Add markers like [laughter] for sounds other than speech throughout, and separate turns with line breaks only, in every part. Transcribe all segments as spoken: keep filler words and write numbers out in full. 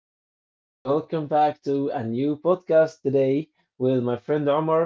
everyone. Welcome back to a new podcast today with my friend Omar.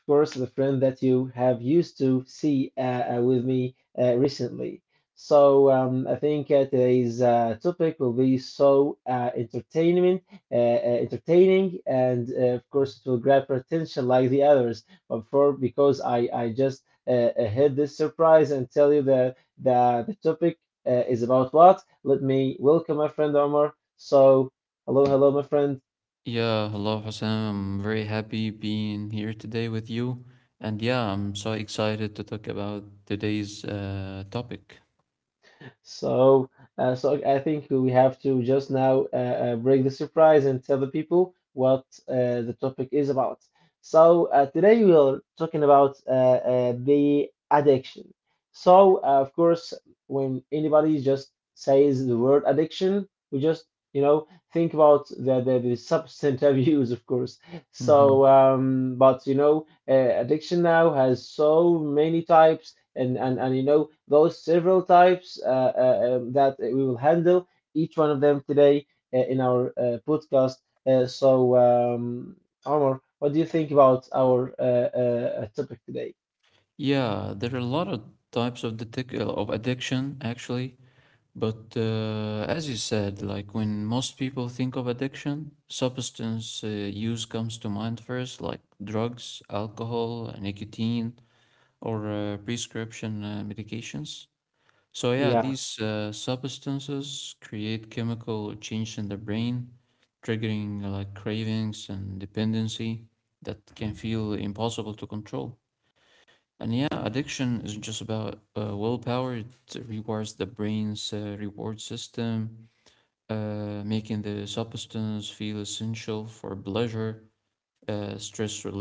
Of course, the friend that you have used to see uh, uh, with me uh, recently. So, um, I think uh, today's uh, topic will be so uh, entertainment, uh, uh, entertaining, and uh, of course, it will grab your attention like the others. But for because I, I just uh, uh, hid this surprise and tell you that the, the topic uh, is about what, let me welcome my friend Omar. So hello, hello, my friend. So uh, so I think we have to just now uh, uh, break the surprise and tell the people what uh, the topic is about. So uh, today we are talking about uh, uh, the addiction. So uh, of course, when anybody just says the word addiction, we just you know think about the the, the substance abuse, [laughs] of course. So um, but you know uh, addiction now has so many types and and and you know those several types uh, uh, um, that we will handle each one of them today uh, in our uh, podcast. Uh, so, um, Omar, what do you think about our uh, uh, uh, topic today? Yeah,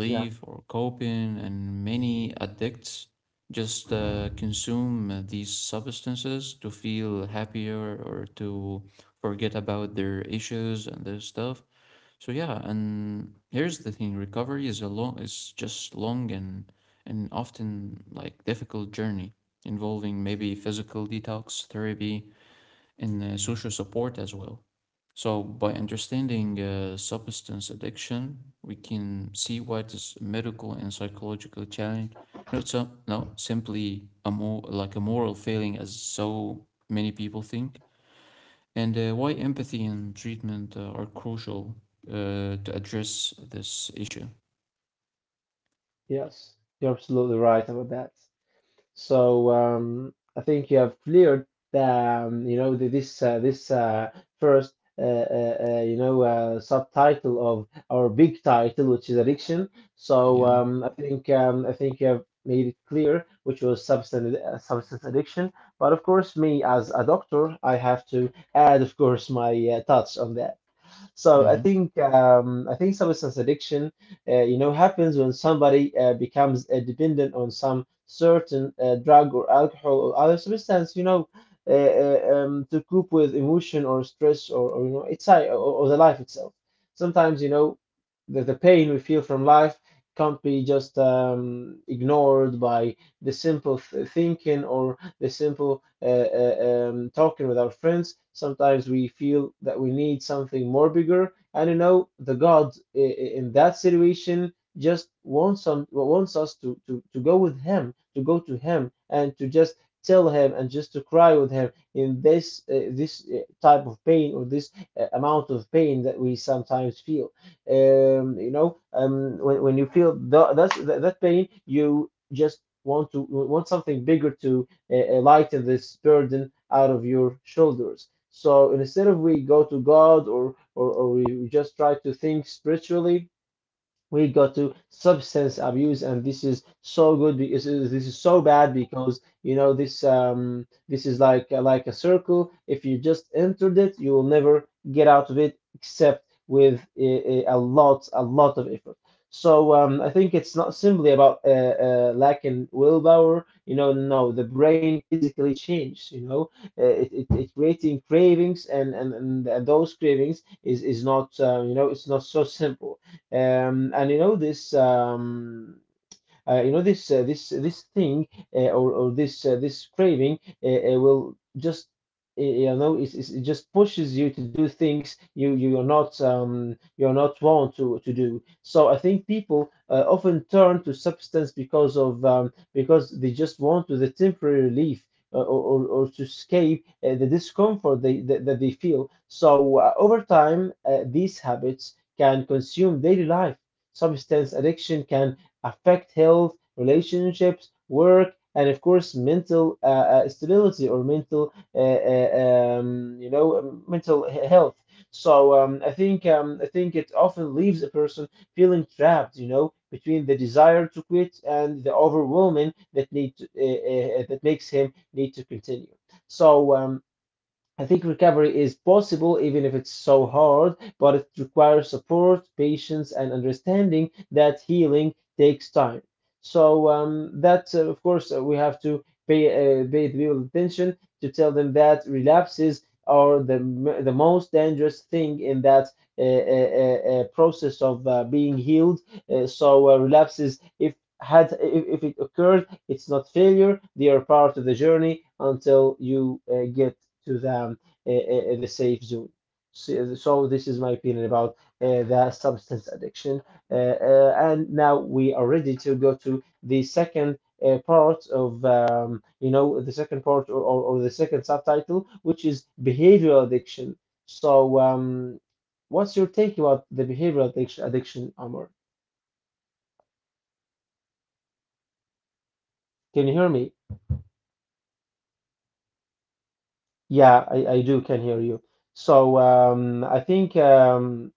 yeah, yes, you're absolutely right about that. So um, I think you have cleared the um, you know the, this uh, this uh, first uh, uh, uh, you know uh, subtitle of our big title, which is addiction. So um, I think um, I think you have made it clear, which was substance uh, substance addiction. But of course, me as a doctor, I have to add, of course, my uh, touch on that. So I think um, I think substance addiction, uh, you know, happens when somebody uh, becomes uh, dependent on some certain uh, drug or alcohol or other substance, you know, uh, uh, um, to cope with emotion or stress or, or you know, it's or, or the life itself. Sometimes, you know, the, the pain we feel from life can't be just um, ignored by the simple th thinking or the simple uh, uh, um, talking with our friends. Sometimes we feel that we need something more bigger, and you know the God i- i- in that situation just wants some wants us to, to to go with Him, to go to Him, and to just tell Him and just to cry with Him in this uh, this uh, type of pain or this uh, amount of pain that we sometimes feel. Um, you know, um, when when you feel th- that's, that that pain, you just want to want something bigger to uh, lighten this burden out of your shoulders. So instead of we go to God or, or, or we just try to think spiritually, we go to substance abuse, and this is so good because this is so bad, because you know this um this is like like a circle. If you just entered it, you will never get out of it except with a, a a lot a lot of effort. so um, I think it's not simply about uh, uh, lack in willpower, you know. No, the brain physically changes, you know. Uh, it, it, it creating cravings, and, and and those cravings is is not um, you know, it's not so simple. Um, and you know this um, uh, you know this uh, this this thing uh, or or this uh, this craving uh, uh, will just uh, you know, it's, it's, it just pushes you to do things you you are not um you're not want to to do. So I think people uh, often turn to substance because of um, because they just want to, the temporary relief uh, or, or, or to escape uh, the discomfort they, that, that they feel. So uh, over time, uh, these habits can consume daily life. Substance addiction can affect health, relationships, work, and of course mental uh, uh, stability or mental, uh, uh, um, you know, um, mental he- health. So um, I think um, I think it often leaves a person feeling trapped, you know, between the desire to quit and the overwhelming that need to, uh, uh, that makes him need to continue. So um, I think recovery is possible, even if it's so hard, but it requires support, patience, and understanding that healing takes time. So um, that, uh, of course, uh, we have to pay uh, pay the people attention to tell them that relapses are the m- the most dangerous thing in that uh, uh, uh, uh, process of uh, being healed. Uh, so uh, relapses, if had if, if it occurred, it's not failure. They are part of the journey until you uh, get to the um, uh, uh, the safe zone. So, so this is my opinion about uh, the substance addiction. Uh, uh, and now we are ready to go to the second uh, part of um, you know, the second part or, or, or the second subtitle, which is behavioral addiction. So um, what's your take about the behavioral addic- addiction, Amor? Can you hear me? Yeah, I, I do can hear you. So um, I think um,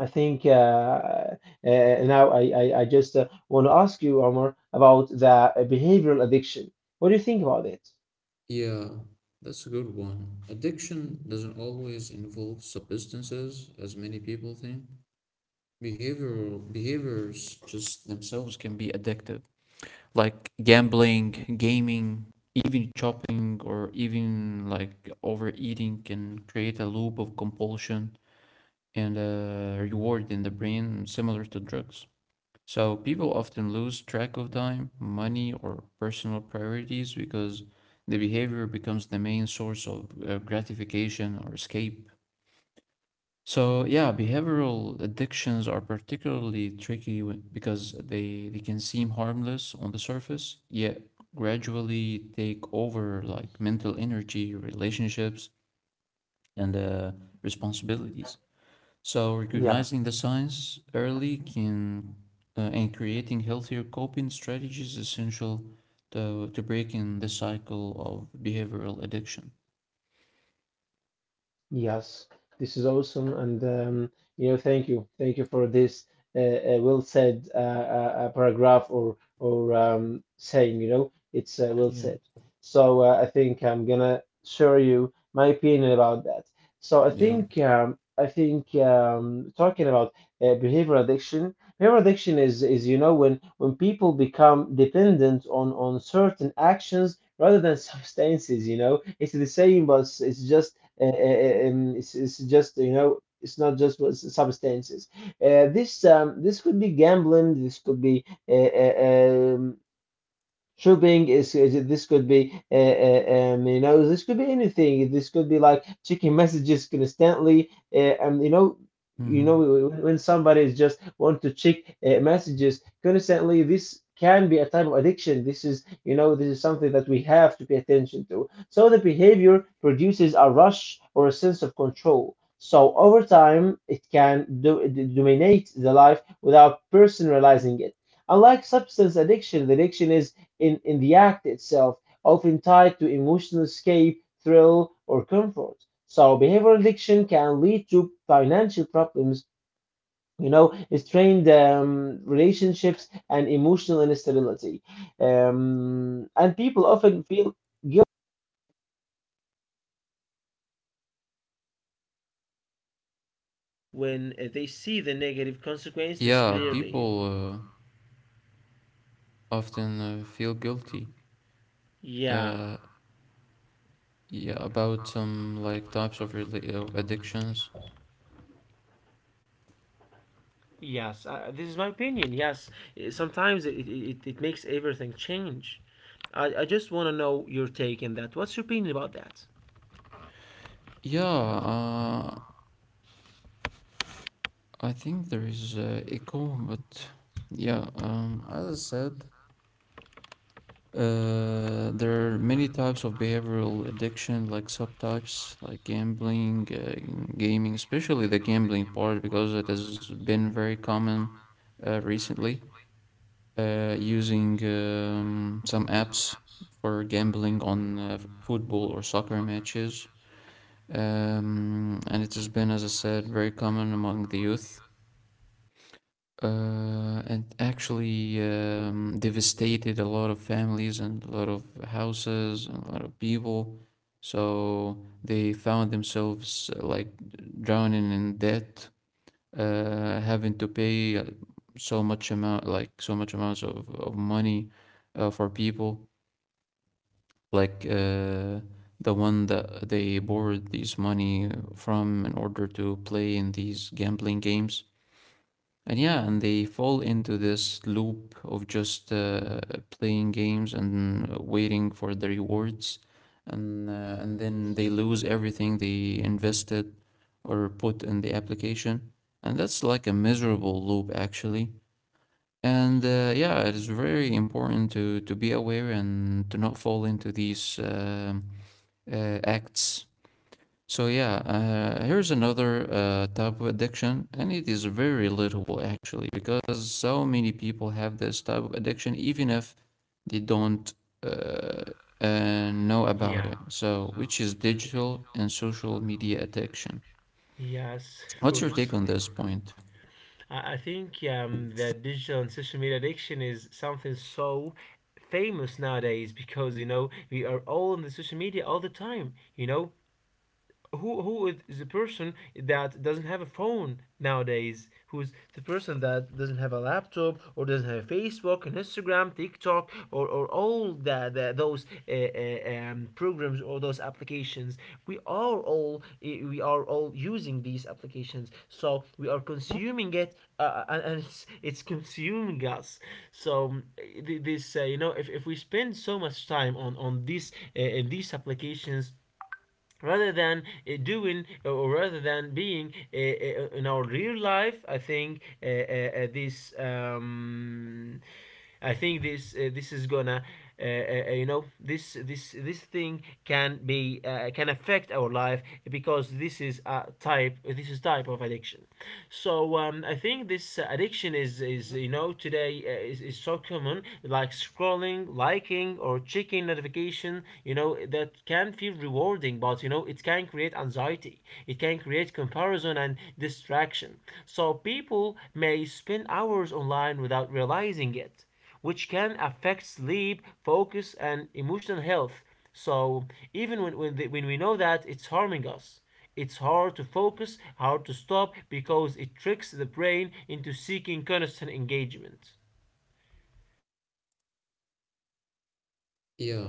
I think uh, uh, Now, I, I, I just uh, want to ask you, Omar, about the uh, behavioral addiction. What do you think about it?
Yeah, that's a good one. Addiction doesn't always involve substances, as many people think. Behavioral behaviors just themselves can be addictive, like gambling, gaming, even shopping, or even like overeating can create a loop of compulsion and uh, reward in the brain, similar to drugs. So people often lose track of time, money, or personal priorities because the behavior becomes the main source of uh, gratification or escape. So yeah, behavioral addictions are particularly tricky when- because they, they can seem harmless on the surface, yet gradually take over like mental energy, relationships, and uh, responsibilities. So
Yeah.
recognizing the signs early can uh, and creating healthier coping strategies is essential to to breaking the cycle of behavioral addiction.
Yes, this is awesome, and um, you know, thank you, thank you for this uh, uh, well said uh, uh, uh, paragraph or or um, saying. You know, it's uh, well
Yeah,
said. So uh, I think I'm gonna share you my opinion about that. So I
yeah,
think um, I think um, talking about uh, behavior addiction, behavioral addiction is is you know, when when people become dependent on on certain actions rather than substances. You know, it's the same, but it's it's just uh, uh, um, it's, it's just, you know, it's not just what substances. Uh, this um, this could be gambling, this could be uh, uh, shopping is, is- this could be uh, uh, um, you know, this could be anything. This could be like checking messages constantly. Uh, um, you know you
hmm,
know when when somebody is just want to check uh, messages constantly, this can be a type of addiction. This is, you know, this is something that we have to pay attention to. So the behavior produces a rush or a sense of control. So over time, it can do, d- dominate the life without person realizing it. Unlike substance addiction, the addiction is in, in the act itself, often tied to emotional escape, thrill, or comfort. So behavioral addiction can lead to financial problems, you know, strained um, relationships, and emotional instability. Um, and people often feel guilty
yeah. People uh, often uh, feel guilty. Uh, yeah, about some like types of rela- of addictions. Yeah, uh, I think there is uh, echo, but yeah, um, as I said, Uh, there are many types of behavioral addiction, like subtypes, like gambling, uh, gaming, especially the gambling part, because it has been very common uh, recently. Uh, using um, some apps for gambling on uh, f- football or soccer matches. Um, and it has been, as I said, very common among the youth. Uh, and actually um, devastated a lot of families and a lot of houses and a lot of people. So they found themselves uh, like drowning in debt, uh, having to pay uh, so much amount, like so much amounts of, of money uh, for people. Like uh, the one that they borrowed this money from in order to play in these gambling games and yeah, and they fall into this loop of just uh, playing games and waiting for the rewards, and uh, and then they lose everything they invested or put in the application, and that's like a miserable loop actually. And uh, yeah, it is very important to to be aware and to not fall into these um uh, acts. So yeah, uh, here's another uh, type of addiction, and it is very relatable actually, because so many people have this type of addiction, even if they don't uh, uh, know about it. So, which is digital and social media addiction. What's your take on this point? Yeah.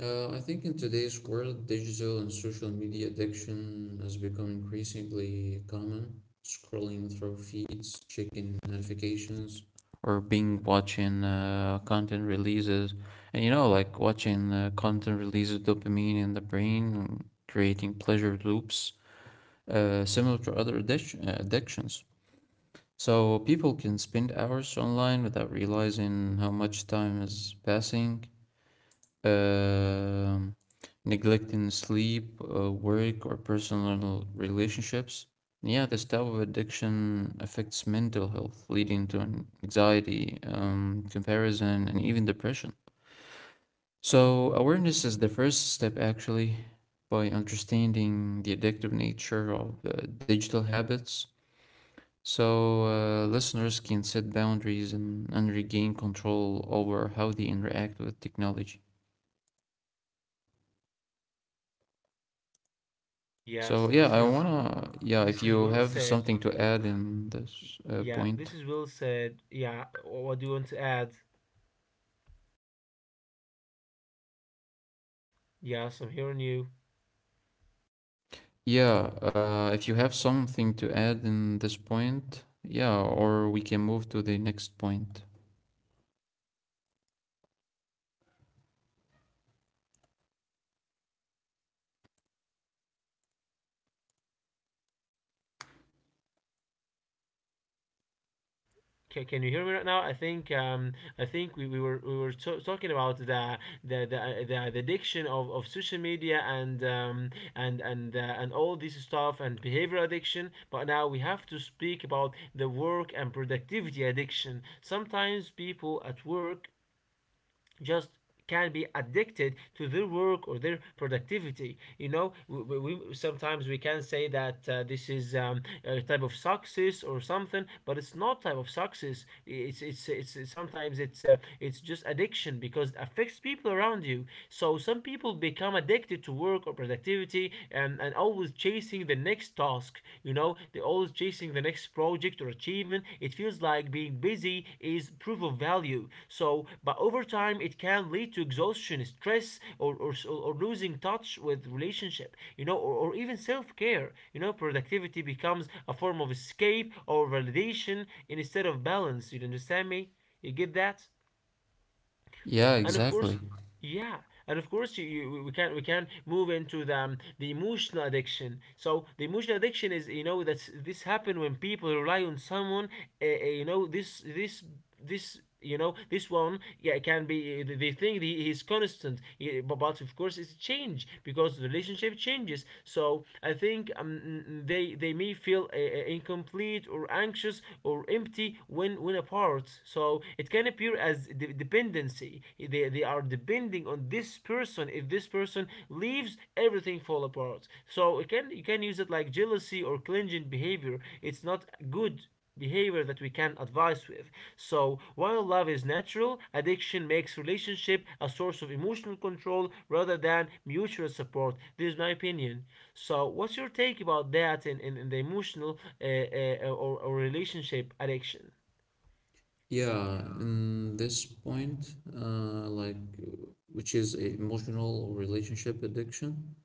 Uh, I think in today's world, digital and social media addiction has become increasingly common. Scrolling through feeds, checking notifications, or being watching uh, content releases, and you know, like watching uh, content releases dopamine in the brain, creating pleasure loops, uh, similar to other addic- uh, addictions. So people can spend hours online without realizing how much time is passing, um, neglecting sleep, uh, work, or personal relationships. Yeah, this type of addiction affects mental health, leading to an- anxiety, um, comparison, and even depression. So, awareness is the first step actually by understanding the addictive nature of uh, digital habits. So, uh, listeners can set boundaries and, and regain control over how they interact with technology. So yeah, I wanna yeah, if you have something to add in this uh, point, yeah, uh, if you have something to add in this point, yeah, or we can move to the next point. Yeah, exactly. Yeah, in this point, uh, like which is a emotional relationship addiction.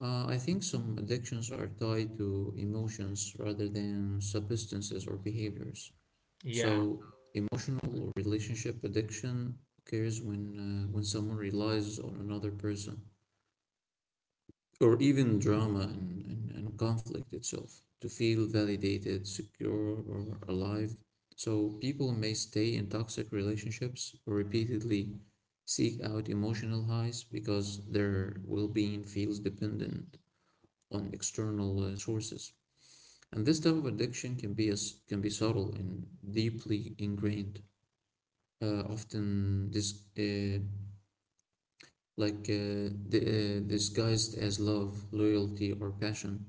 Uh, I think some addictions are tied to emotions rather than substances or behaviors. So emotional or relationship addiction occurs when uh, when someone relies on another person, or even drama and, and, and conflict itself to feel validated, secure, or alive. So people may stay in toxic relationships or repeatedly seek out emotional highs because their well-being feels dependent on external uh, sources. And this type of addiction can be as can be subtle and deeply ingrained, uh, often dis- uh, like uh, di- uh, disguised as love, loyalty, or passion.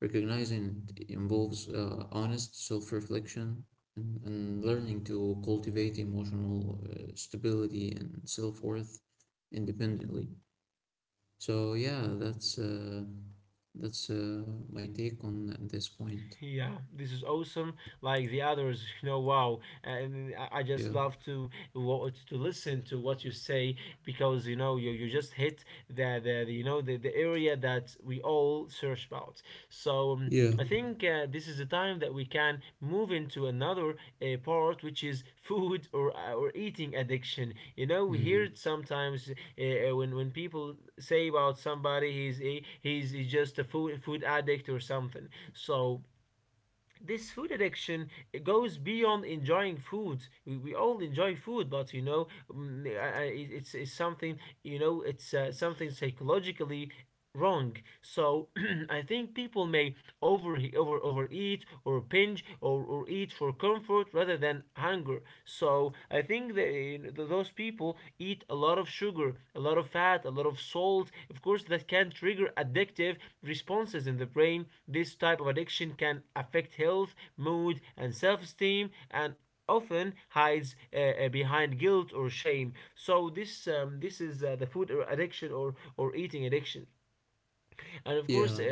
Recognizing it involves uh, honest self-reflection, and, and learning to cultivate emotional uh, stability and self-worth independently. So yeah, that's uh, that's uh, my take on this point. Yeah. Yeah. Mm. Yeah.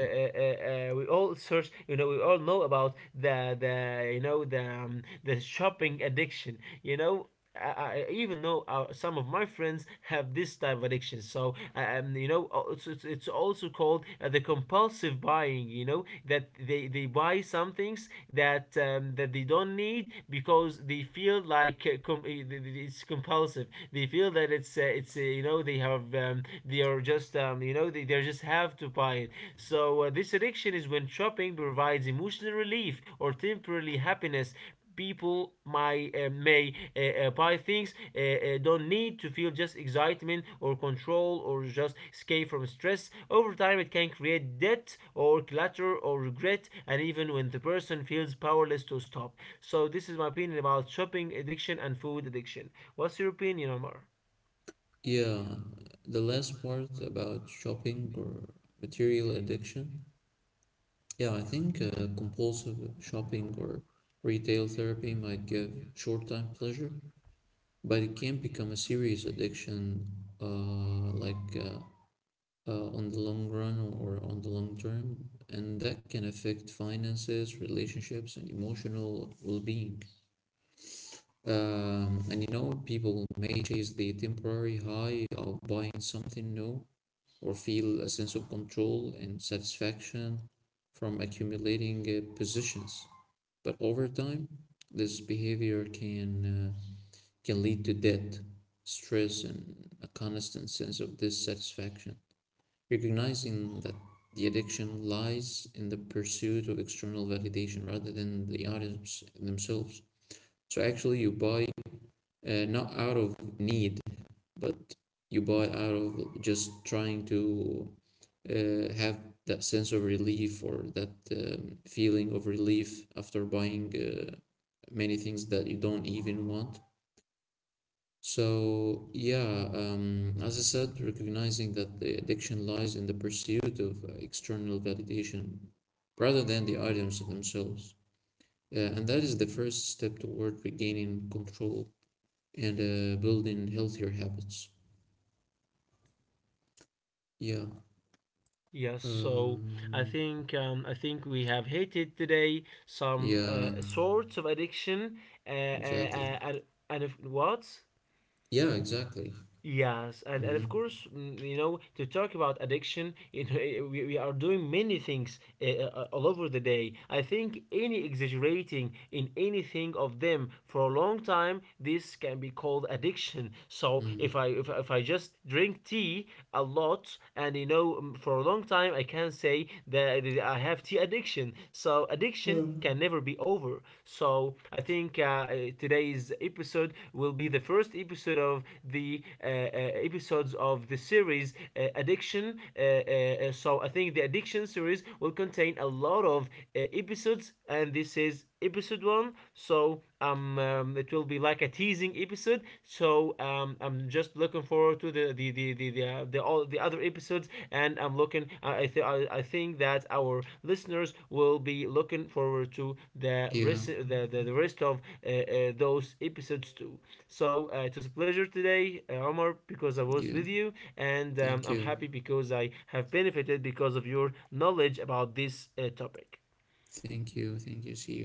Yeah, the last part about shopping or material addiction. Yeah, I think uh, compulsive shopping or retail therapy might give short time pleasure, but it can become a serious addiction, uh, like uh, uh, on the long run or on the long term, and that can affect finances, relationships, and emotional well-being. Um, and you know, people may chase the temporary high of buying something new or feel a sense of control and satisfaction from accumulating uh, positions. But over time, this behavior can uh, can lead to debt, stress, and a constant sense of dissatisfaction. Recognizing that the addiction lies in the pursuit of external validation rather than the items themselves. So actually, you buy, uh, not out of need, but you buy out of just trying to uh, have that sense of relief or that um, feeling of relief after buying uh, many things that you don't even want. So, yeah, um, as I said, recognizing that the addiction lies in the pursuit of uh, external validation rather than the items themselves. Uh, and that is the first step toward regaining control and uh, building healthier habits. Yeah. Um, yeah, exactly. Yeah, exactly. Mm-hmm. Mm. Yeah. Yeah, yeah. Thank you. Thank you. Thank you. See you.